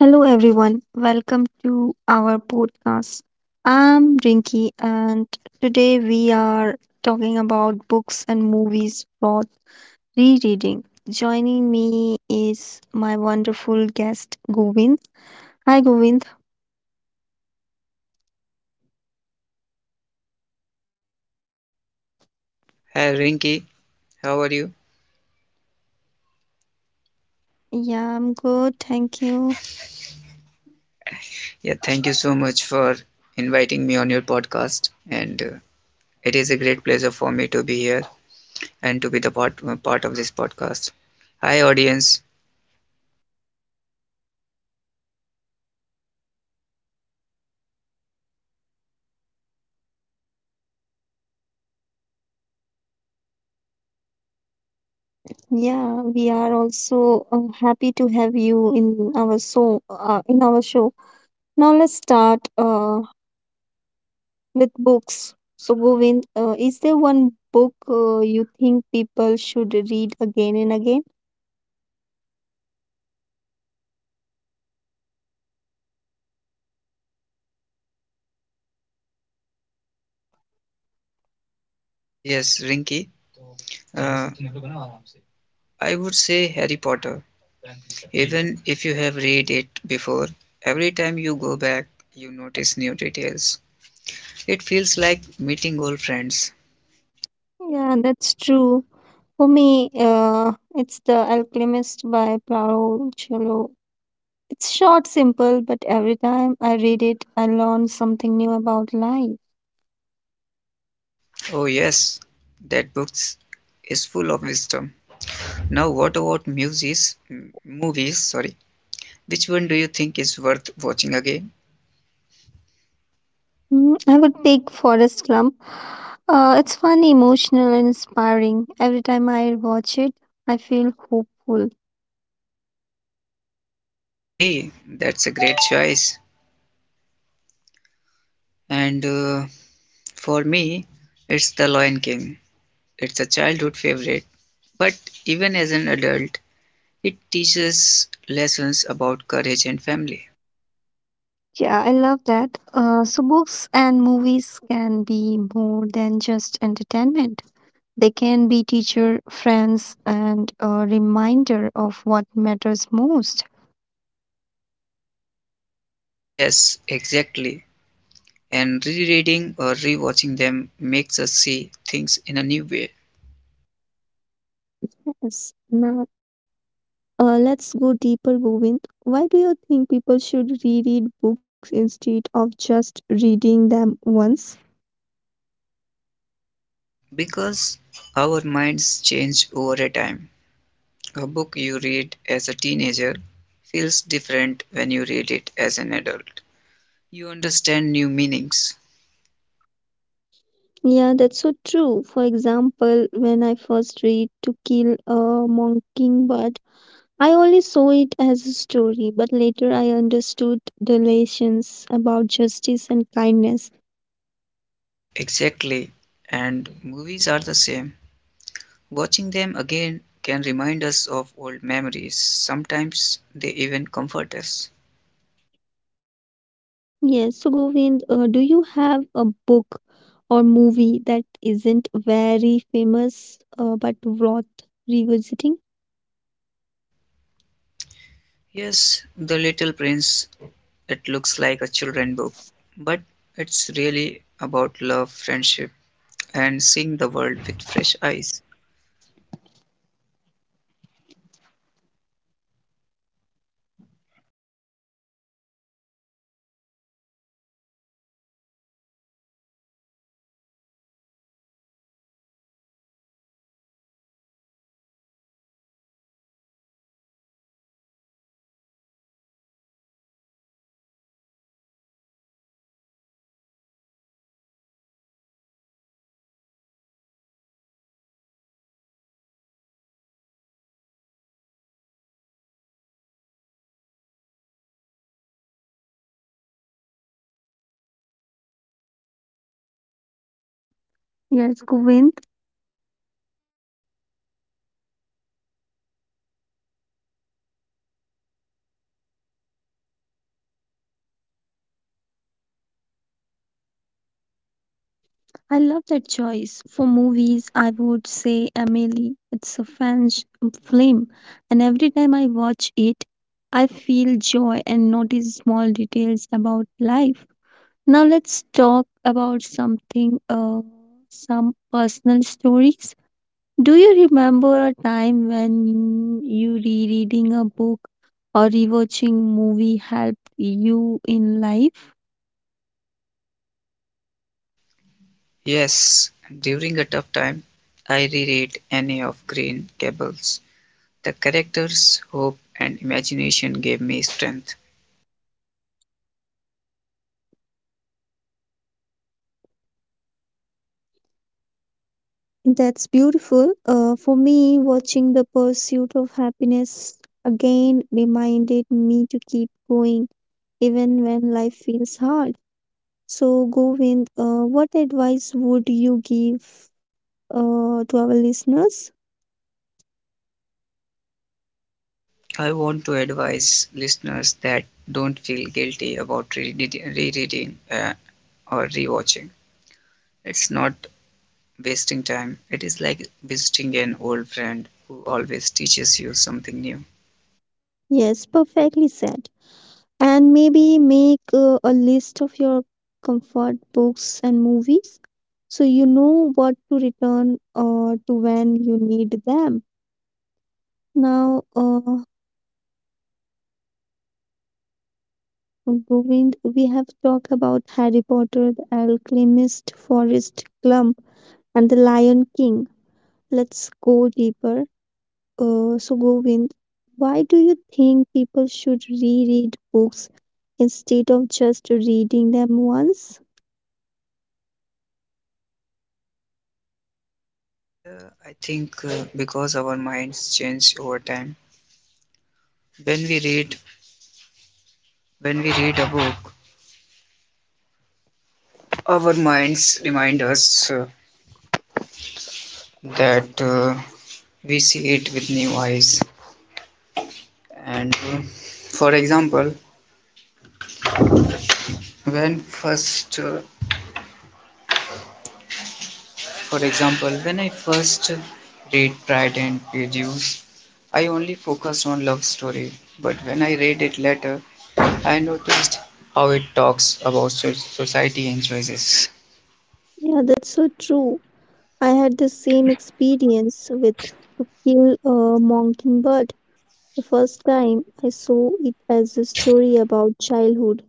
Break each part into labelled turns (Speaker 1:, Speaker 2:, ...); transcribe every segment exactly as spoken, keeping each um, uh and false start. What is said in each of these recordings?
Speaker 1: Hello, everyone. Welcome to our podcast. I'm Rinky, and today talking about books and movies for rereading. Joining me is my wonderful guest, Govind. Hi, Govind.
Speaker 2: Hi Rinky, how are you?
Speaker 1: Yeah, I'm good. Thank you.
Speaker 2: Yeah, thank you so much for inviting me on your podcast, and uh, it is a great pleasure for me to be here and to be the part uh, part of this podcast. Hi audience,
Speaker 1: Yeah, we are also uh, happy to have you in our so uh, in our show. Now let's start. Uh, with books. So, Govind, uh, is there one book uh, you think people should read again and again?
Speaker 2: yes Rinky, uh, I would say Harry Potter. Even if you have read it before, every time you go back, you notice new details. It feels like meeting old friends.
Speaker 1: Yeah, that's true. For me, uh, it's The Alchemist by Paolo Coelho. It's short, simple, but every time I read it, I learn something new about life.
Speaker 2: Oh yes, that book is full of wisdom. Now what about movies? movies? Sorry, which one do you think is worth watching again?
Speaker 1: Mm, I would pick Forest Gump. Uh, it's fun, emotional, and inspiring. Every time I watch it, I feel hopeful.
Speaker 2: Okay, that's a great choice. And uh, for me, it's The Lion King. It's a childhood favorite, but even as an adult, it teaches lessons about courage and family.
Speaker 1: Yeah, I love that. Uh, so, books and movies can be more than just entertainment. They can be teacher, friends, and a reminder of what matters most.
Speaker 2: Yes, exactly. And rereading or rewatching them makes us see things in a new way
Speaker 1: Yes. Now, uh, let's go deeper, Govind. Why do you think people should reread books instead of just reading them once?
Speaker 2: because our minds change over a time. A book you read as a teenager feels different when you read it as an adult. You understand new meanings.
Speaker 1: Yeah, that's so true. For example, when I first read To Kill a Mockingbird, I only saw it as a story, but later I understood the lessons about justice and kindness.
Speaker 2: Exactly. And movies are the same. Watching them again can remind us of old memories. Sometimes they even comfort us.
Speaker 1: Yes, so Govind, uh, do you have a book or movie that isn't very famous uh, but worth revisiting?
Speaker 2: Yes, The Little Prince, it looks like a children's book, but it's really about love, friendship, and seeing the world with fresh eyes.
Speaker 1: Yes, Govind, I love that choice. For movies, I would say Amelie. It's a French film, and every time I watch it, I feel joy and notice small details about life. Now let's talk about something, uh, some personal stories. Do you remember a time when you rereading a book or rewatching movie helped you in life?
Speaker 2: Yes, during a tough time, I reread Anne of Green Gables. The characters' hope and imagination gave me strength.
Speaker 1: That's beautiful. Uh, for me, watching The Pursuit of Happiness again reminded me to keep going even when life feels hard. So, Govind, uh, what advice would you give uh, to our listeners?
Speaker 2: I want to advise listeners that don't feel guilty about reread- rereading uh, or rewatching. It's not wasting time. It is like visiting an old friend who always teaches you something new.
Speaker 1: Yes, perfectly said. And maybe make uh, a list of your comfort books and movies so you know what to return uh, to when you need them. Now, uh, Govind, we have talked about Harry Potter, The Alchemist, Forrest Gump, and The Lion King. Let's go deeper. Uh, so, Govind, why do you think people should reread books instead of just reading them once?
Speaker 2: I think uh, because our minds change over time, when we read when we read a book, our minds remind us uh, that uh, we see it with new eyes. And uh, for example, when first, uh, for example, when I first read Pride and Prejudice, I only focused on love story. But when I read it later, I noticed how it talks about so- society and choices.
Speaker 1: Yeah, that's so true. I had the same experience with To Kill a Mockingbird. The first time I saw it as a story about childhood.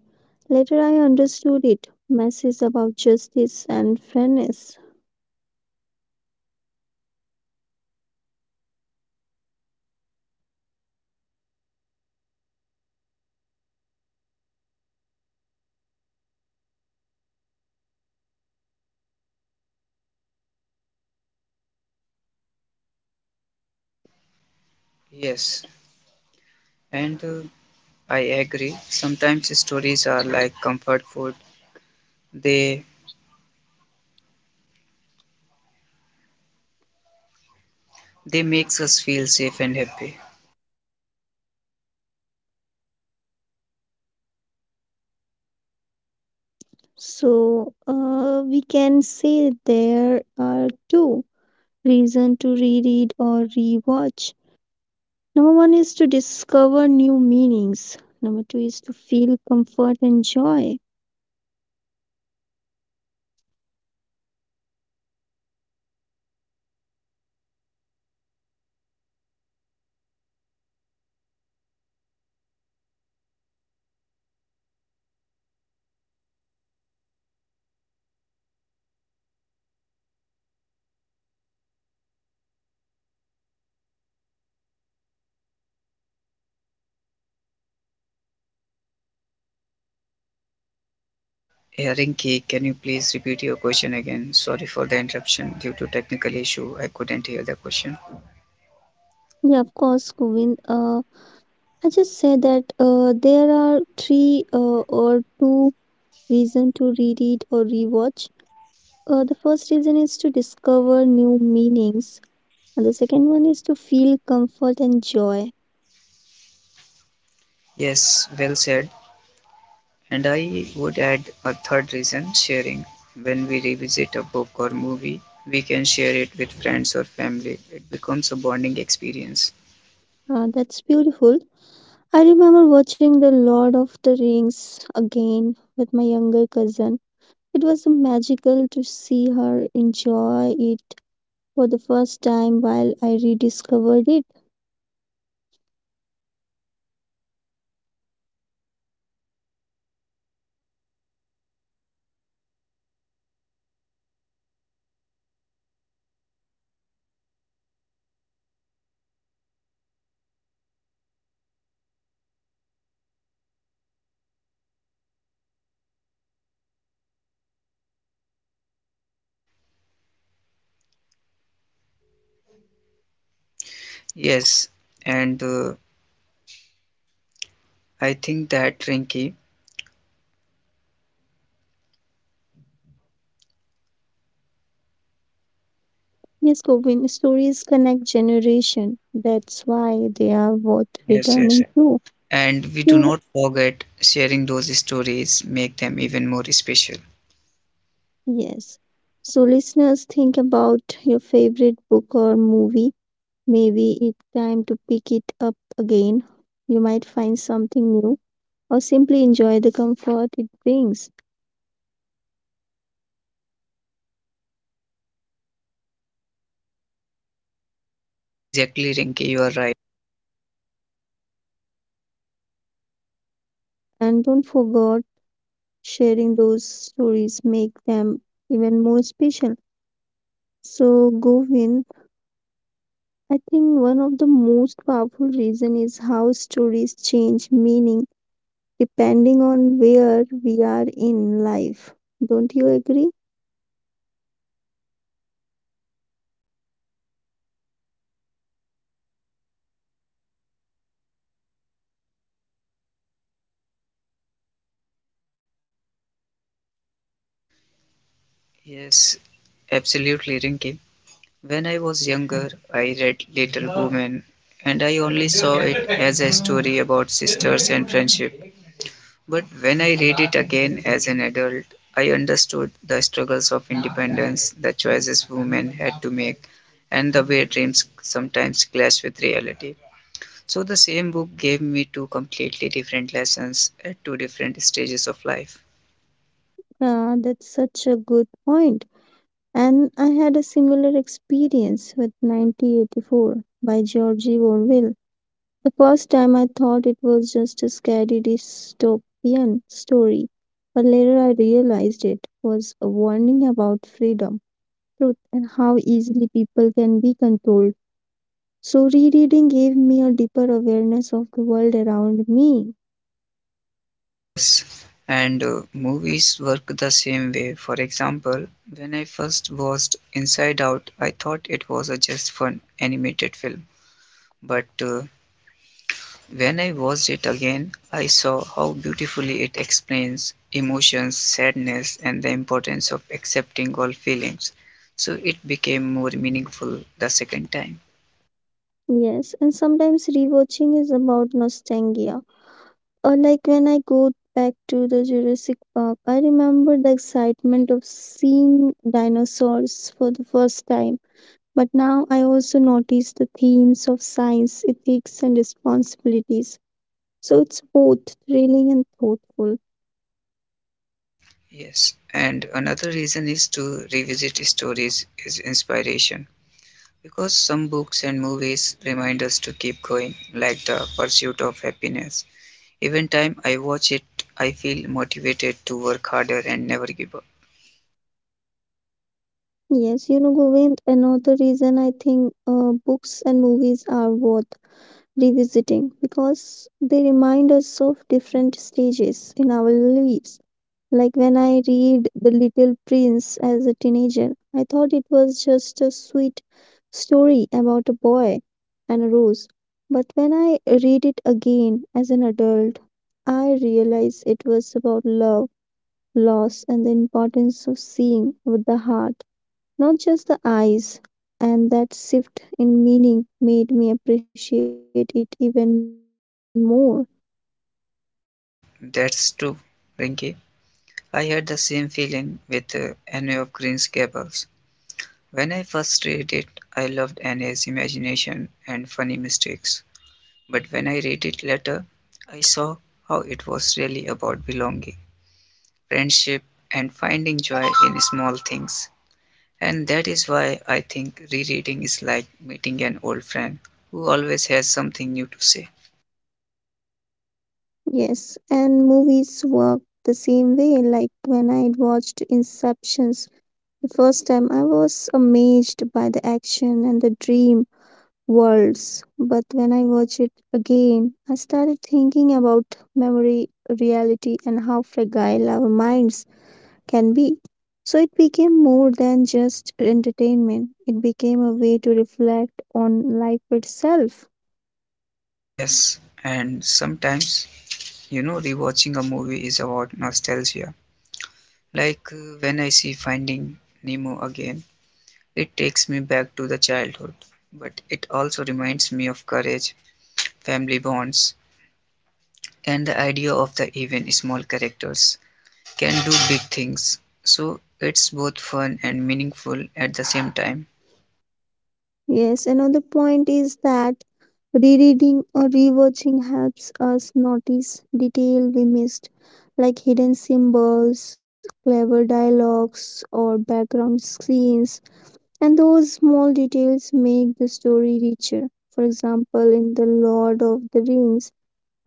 Speaker 1: Later, I understood it. Mass is about justice and fairness.
Speaker 2: Yes, and uh, I agree. Sometimes stories are like comfort food. They they makes us feel safe and happy.
Speaker 1: So, uh, we can say there are two reasons to reread or rewatch. Number one is to discover new meanings. Number two is to feel comfort and joy.
Speaker 2: Hearing, Rinki, can you please repeat your question again? Sorry for the interruption. Due to technical issue, I couldn't hear the question.
Speaker 1: Yeah, of course, Govind. Uh, I just said that uh, there are three uh, or two reasons to reread or rewatch. Uh, the first reason is to discover new meanings. And the second one is to feel comfort and joy.
Speaker 2: Yes, well said. And I would add a third reason, sharing. When we revisit a book or movie, we can share it with friends or family. It becomes a bonding experience.
Speaker 1: Ah, that's beautiful. I remember watching The Lord of the Rings again with my younger cousin. It was magical to see her enjoy it for the first time while I rediscovered it.
Speaker 2: Yes, and uh, I think that Rinky.
Speaker 1: Yes, Kobin, stories connect generation. That's why they are worth
Speaker 2: yes, yes.
Speaker 1: returning
Speaker 2: yes.
Speaker 1: to.
Speaker 2: And we do
Speaker 1: So,
Speaker 2: not forget sharing those stories make them even more special.
Speaker 1: yes. So, listeners, think about your favorite book or movie. Maybe it's time to pick it up again. You might find something new or simply enjoy the comfort it brings.
Speaker 2: Yes, exactly, Rinky. You are right.
Speaker 1: And don't forget, sharing those stories make them even more special. So, Govind, I think one of the most powerful reason is how stories change meaning depending on where we are in life. Don't you agree?
Speaker 2: Yes, absolutely, Rinki. When I was younger, I read Little Women and I only saw it as a story about sisters and friendship. But when I read it again as an adult, I understood the struggles of independence, the choices women had to make, and the way dreams sometimes clash with reality. So the same book gave me two completely different lessons at two different stages of life.
Speaker 1: Uh, that's such a good point. And I had a similar experience with nineteen eighty-four by George Orwell. The first time I thought it was just a scary dystopian story, but later I realized it was a warning about freedom, truth, and how easily people can be controlled. So, rereading gave me a deeper awareness of the world around me.
Speaker 2: Yes, and uh, movies work the same way. For example, when I first watched Inside Out, I thought it was a just fun animated film. But uh, when I watched it again, I saw how beautifully it explains emotions, sadness, and the importance of accepting all feelings. So it became more meaningful the second time.
Speaker 1: Yes, and sometimes rewatching is about nostalgia, or like when I go back to the Jurassic Park, I remember the excitement of seeing dinosaurs for the first time. But now I also notice the themes of science, ethics, and responsibilities. So it's both thrilling and thoughtful.
Speaker 2: Yes, and another reason is to revisit stories is inspiration. Because some books and movies remind us to keep going, like The Pursuit of Happiness. Even time I watch it, I feel motivated to work harder and never give up.
Speaker 1: Yes, you know, Govind, another reason I think uh, books and movies are worth revisiting because they remind us of different stages in our lives. Like when I read The Little Prince as a teenager, I thought it was just a sweet story about a boy and a rose. But when I read it again as an adult, I realized it was about love, loss, and the importance of seeing with the heart, not just the eyes. And that shift in meaning made me appreciate it even more.
Speaker 2: Yeah, that's true, Rinky. I had the same feeling with uh, Anne of Green's Gables. When I first read it, I loved Anne's imagination and funny mistakes. But when I read it later, I saw how it was really about belonging, friendship, and finding joy in small things. And that is why I think rereading is like meeting an old friend who always has something new to say.
Speaker 1: Yes, and movies work the same way. Like when I watched Inceptions the first time, I was amazed by the action and the dream worlds. But when I watched it again, I started thinking about memory, reality, and how fragile our minds can be. So it became more than just entertainment, it became a way to reflect on life itself.
Speaker 2: Yes, and sometimes, you know, rewatching a movie is about nostalgia. Like uh, when I see Finding Nemo again, it takes me back to the childhood, but it also reminds me of courage, family bonds, and the idea of the even small characters can do big things. So it's both fun and meaningful at the same time.
Speaker 1: Yes, another point is that rereading or rewatching helps us notice detail we missed, like hidden symbols, clever dialogues, or background scenes, and those small details make the story richer. For example, in The Lord of the Rings,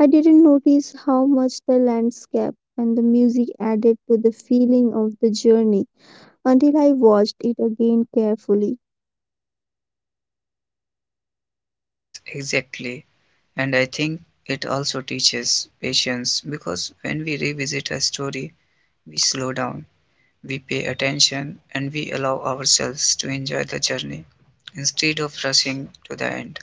Speaker 1: I didn't notice how much the landscape and the music added to the feeling of the journey until I watched it again carefully.
Speaker 2: Yes, exactly. And I think it also teaches patience because when we revisit a story, we slow down, we pay attention, and we allow ourselves to enjoy the journey instead of rushing to the end.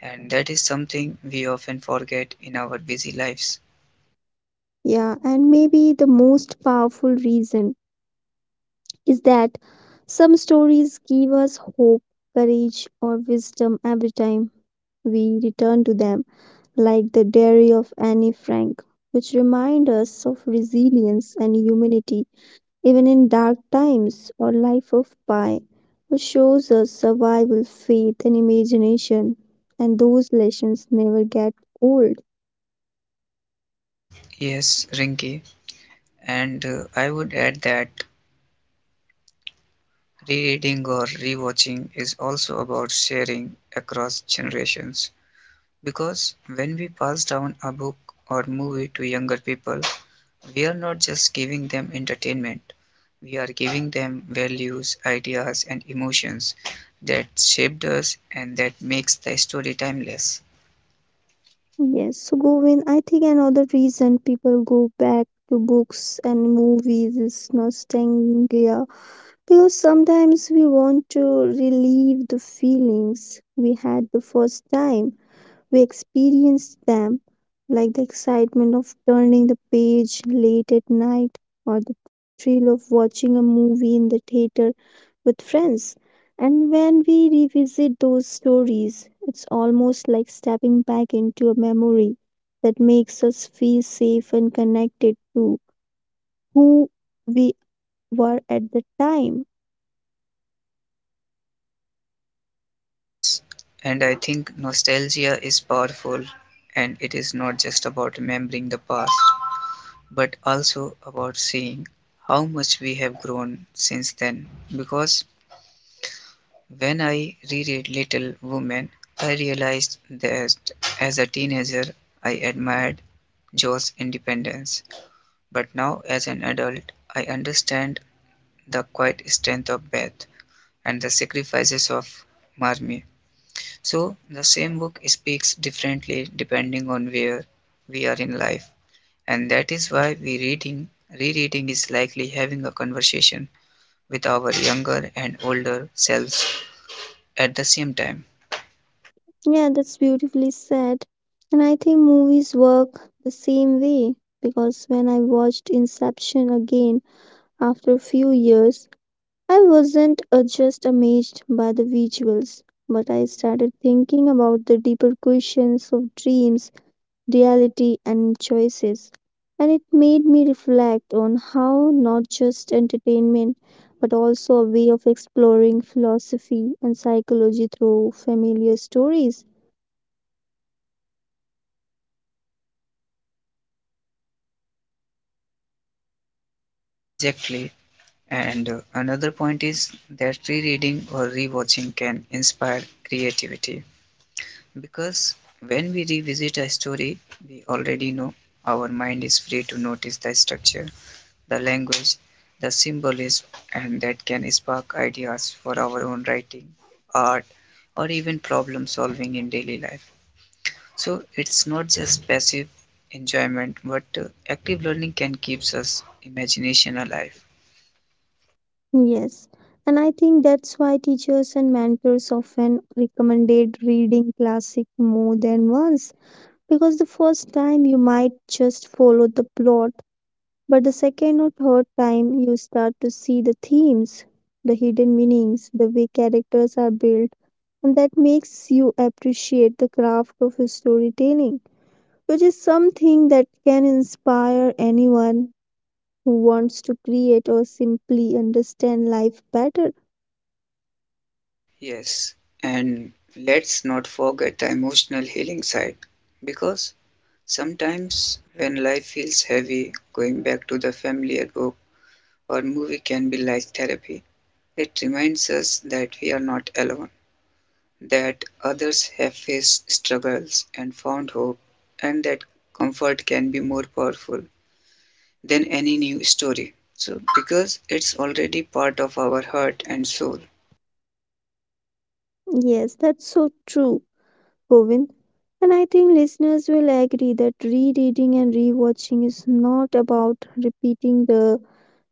Speaker 2: And that is something we often forget in our busy lives.
Speaker 1: Yeah, and maybe the most powerful reason is that some stories give us hope, courage, or wisdom every time we return to them, like the diary of Anne Frank, which remind us of resilience and humanity even in dark times, or Life of Pi, which shows us survival, faith, and imagination, and those lessons never get old.
Speaker 2: Yes, Rinki, and uh, I would add that rereading or rewatching is also about sharing across generations. Because when we pass down a book or movie to younger people, we are not just giving them entertainment, we are giving them values, ideas, and emotions that shaped us and that makes the story timeless.
Speaker 1: Yes, Govin, I think another reason people go back to books and movies is nostalgia because sometimes we want to relieve the feelings we had the first time we experienced them, like the excitement of turning the page late at night or the thrill of watching a movie in the theater with friends. And when we revisit those stories, it's almost like stepping back into a memory that makes us feel safe and connected to who we were at the time.
Speaker 2: Yes, and I think nostalgia is powerful and it is not just about remembering the past, but also about seeing how much we have grown since then. Because when I reread "Little Women", I realized that as a teenager I admired Jo's independence, but now as an adult I understand the quiet strength of Beth and the sacrifices of Marmee. So the same book speaks differently depending on where we are in life, and that is why we reading rereading is likely having a conversation with our younger and older selves at the same time.
Speaker 1: Yeah, that's beautifully said. And I think movies work the same way because when I watched Inception again after a few years, I wasn't uh, just amazed by the visuals, but I started thinking about the deeper questions of dreams, reality, and choices. And it made me reflect on how not just entertainment, but also a way of exploring philosophy and psychology through familiar stories.
Speaker 2: Exactly. And uh, another point is that rereading or rewatching can inspire creativity because when we revisit a story we already know, our mind is free to notice the structure, the language, the symbolism, and that can spark ideas for our own writing, art, or even problem solving in daily life. So it's not just passive enjoyment, but uh, active learning can keep us imagination alive.
Speaker 1: Yes, and I think that's why teachers and mentors often recommended reading classic more than once because the first time you might just follow the plot, but the second or third time you start to see the themes, the hidden meanings, the way characters are built, and that makes you appreciate the craft of storytelling, which is something that can inspire anyone who wants to create or simply understand life better.
Speaker 2: Yes, and let's not forget the emotional healing side because sometimes when life feels heavy, going back to the familiar book or movie can be like therapy. It reminds us that we are not alone, that others have faced struggles and found hope, and that comfort can be more powerful than any new story. So, because it's already part of our heart and soul.
Speaker 1: Yes, that's so true, Govind. And I think listeners will agree that rereading and rewatching is not about repeating the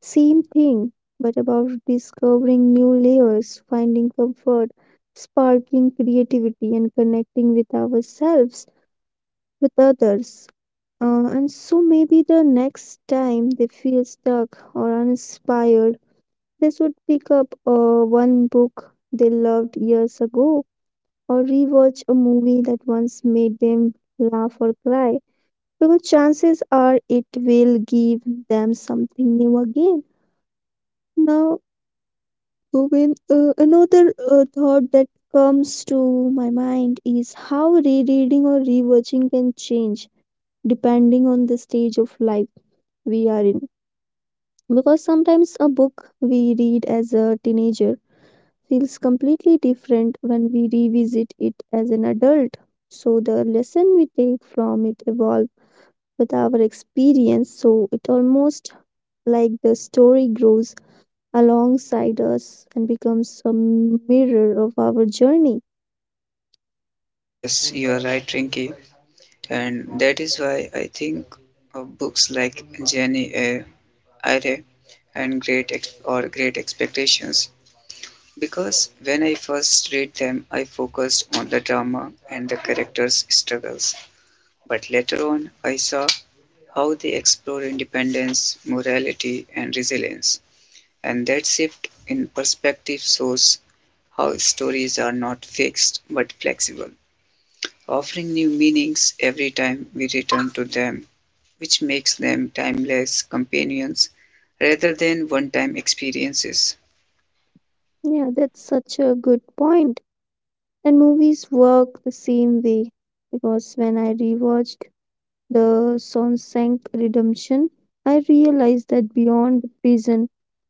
Speaker 1: same thing, but about discovering new layers, finding comfort, sparking creativity, and connecting with ourselves, with others. Uh, and so maybe the next time they feel stuck or uninspired, they should pick up uh, one book they loved years ago or rewatch a movie that once made them laugh or cry because chances are it will give them something new again. Now, when uh, another uh, thought that comes to my mind is how rereading or rewatching can change depending on the stage of life we are in. Because sometimes a book we read as a teenager feels completely different when we revisit it as an adult. So the lesson we take from it evolve with our experience. So it almost like the story grows alongside us and becomes a mirror of our journey.
Speaker 2: Yes, you are right, Rinky. And that is why I think of books like Jenny A. Eyre and Great Ex- or Great Expectations because when I first read them, I focused on the drama and the characters' struggles. But later on, I saw how they explore independence, morality, and resilience. And that shift in perspective shows how stories are not fixed but flexible offering new meanings every time we return to them, which makes them timeless companions rather than one time experiences.
Speaker 1: Yeah, that's such a good point. And movies work the same way because when I rewatched the Sonshank Redemption, I realized that beyond the prison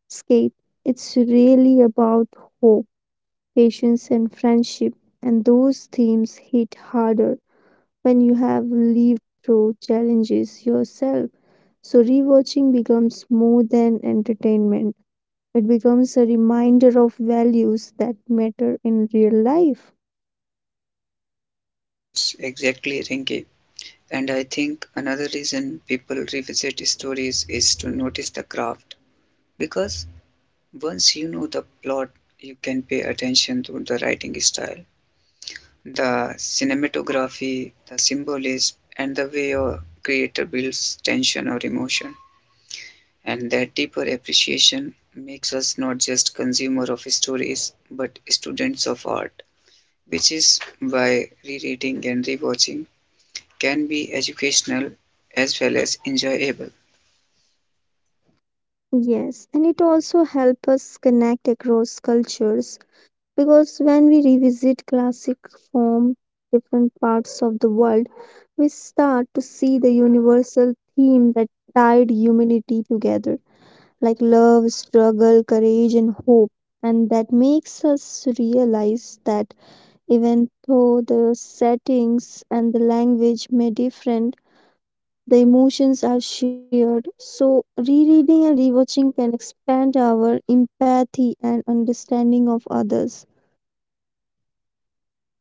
Speaker 1: escape, it's really about hope, patience, and friendship. And those themes hit harder when you have lived through challenges yourself. So, rewatching becomes more than entertainment, it becomes a reminder of values that matter in real life.
Speaker 2: Yes, exactly, Rinki. And I think another reason people revisit stories is to notice the craft. Because once you know the plot, you can pay attention to the writing style, the cinematography, the symbolism, and the way a creator builds tension or emotion. And that deeper appreciation makes us not just consumer of stories but students of art, which is why rereading and rewatching can be educational as well as enjoyable.
Speaker 1: Yes, and it also helps us connect across cultures. Because when we revisit classic from different parts of the world, we start to see the universal theme that tied humanity together, like love, struggle, courage, and hope. And that makes us realize that even though the settings and the language may different, the emotions are shared. So rereading and rewatching can expand our empathy and understanding of others.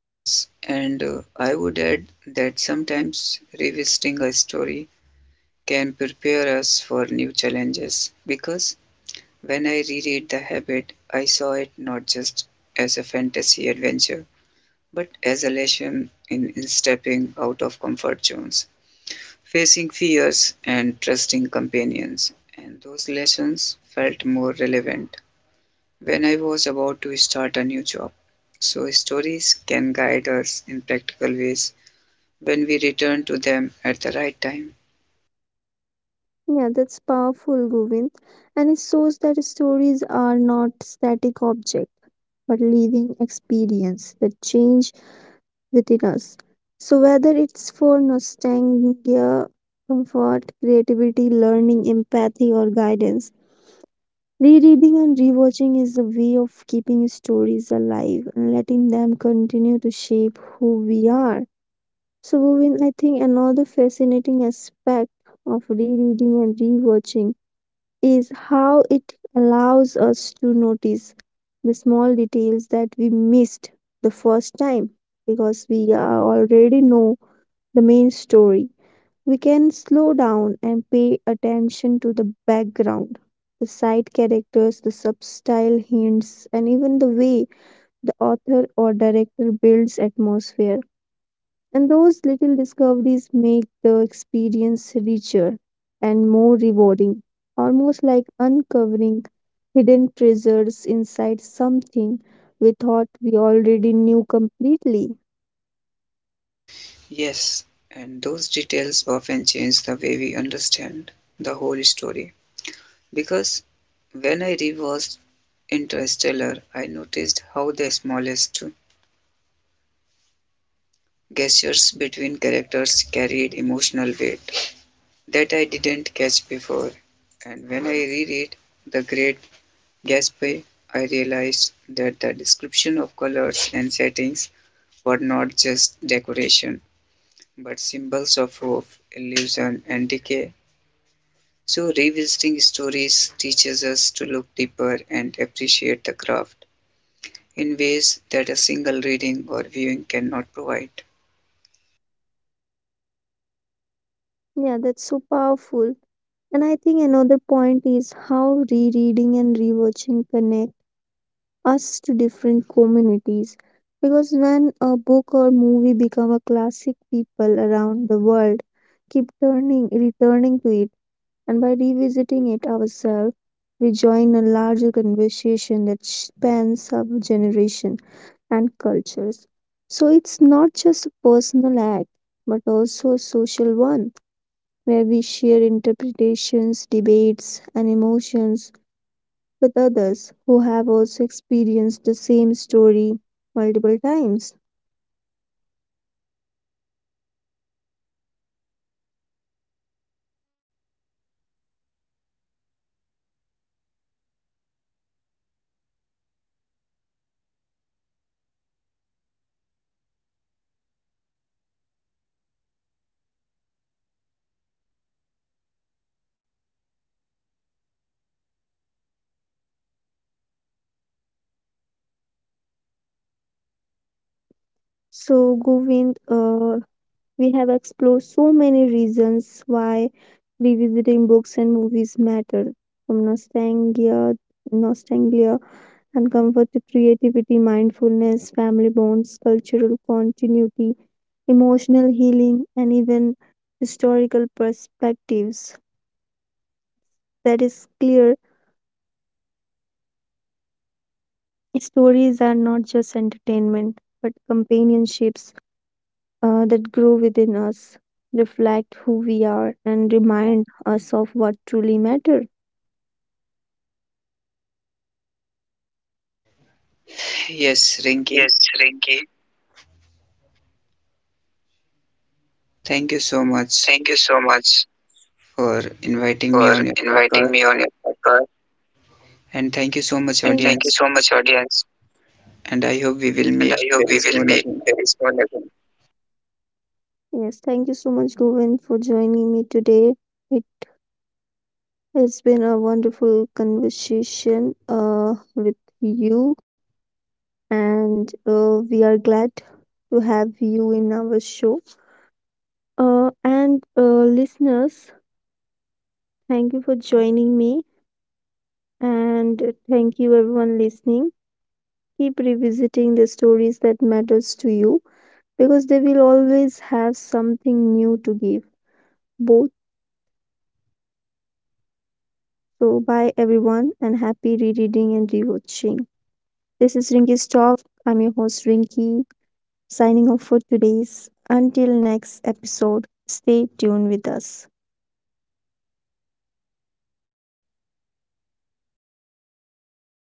Speaker 2: Yes, and uh, I would add that sometimes revisiting a story can prepare us for new challenges because when I reread The Habit, I saw it not just as a fantasy adventure but exhalation in stepping out of comfort zones, facing fears, and trusting companions. And those lessons felt more relevant when I was about to start a new job. So, stories can guide us in practical ways when we return to them at the right time.
Speaker 1: Yeah, that's powerful, Govind. And it shows that stories are not static objects, but living experience that change within us. So whether it's for nostalgia, comfort, creativity, learning, empathy, or guidance, rereading and rewatching is a way of keeping stories alive and letting them continue to shape who we are. So, Govind, I think another fascinating aspect of rereading and rewatching is how it allows us to notice the small details that we missed the first time because we are already know the main story. We can slow down and pay attention to the background, the side characters, the subtle hints, and even the way the author or director builds atmosphere. And those little discoveries make the experience richer and more rewarding, almost like uncovering hidden treasures inside something we thought we already knew completely.
Speaker 2: Yes, and those details often change the way we understand the whole story. Because when I reversed Interstellar, I noticed how the smallest gestures between characters carried emotional weight that I didn't catch before, and when I reread The Great Gatsby, I realized that the description of colors and settings were not just decoration, but symbols of hope, illusion, and decay. So, revisiting stories teaches us to look deeper and appreciate the craft in ways that a single reading or viewing cannot provide.
Speaker 1: Yeah, that's so powerful. And I think another point is how rereading and rewatching connect us to different communities. Because when a book or movie become a classic, people around the world keep turning, returning to it and by revisiting it ourselves, we join a larger conversation that spans our generation and cultures. So it's not just a personal act, but also a social one, where we share interpretations, debates, and emotions with others who have also experienced the same story multiple times. So, Govind, uh, we have explored so many reasons why revisiting books and movies matter, from nostalgia, nostalgia and comfort to creativity, mindfulness, family bonds, cultural continuity, emotional healing, and even historical perspectives. That is clear. Stories are not just entertainment, but companionships uh, that grow within us, reflect who we are, and remind us of what truly matters.
Speaker 2: Yes, Rinki,
Speaker 1: Yes, Rinki,
Speaker 2: thank you so much
Speaker 1: thank you so much
Speaker 2: for inviting me
Speaker 1: for
Speaker 2: on your
Speaker 1: inviting
Speaker 2: podcast.
Speaker 1: me on your podcast,
Speaker 2: And thank you so much,
Speaker 1: and thank you
Speaker 2: audience.
Speaker 1: so much, audience.
Speaker 2: And I hope we will
Speaker 1: And I
Speaker 2: meet
Speaker 1: hope
Speaker 2: very
Speaker 1: we will meet
Speaker 2: soon.
Speaker 1: very soon again. Yes, thank you so much, Govind, for joining me today. It has been a wonderful conversation uh, with you, and uh, we are glad to have you in our show. Uh, and uh, Listeners, thank you for joining me, and thank you, everyone, listening. Keep revisiting the stories that matters to you because they will always have something new to give both. So bye everyone, and happy rereading and rewatching. This is Rinky's Talk. I'm your host, Rinky, signing off for today's. Until next episode, stay tuned with us.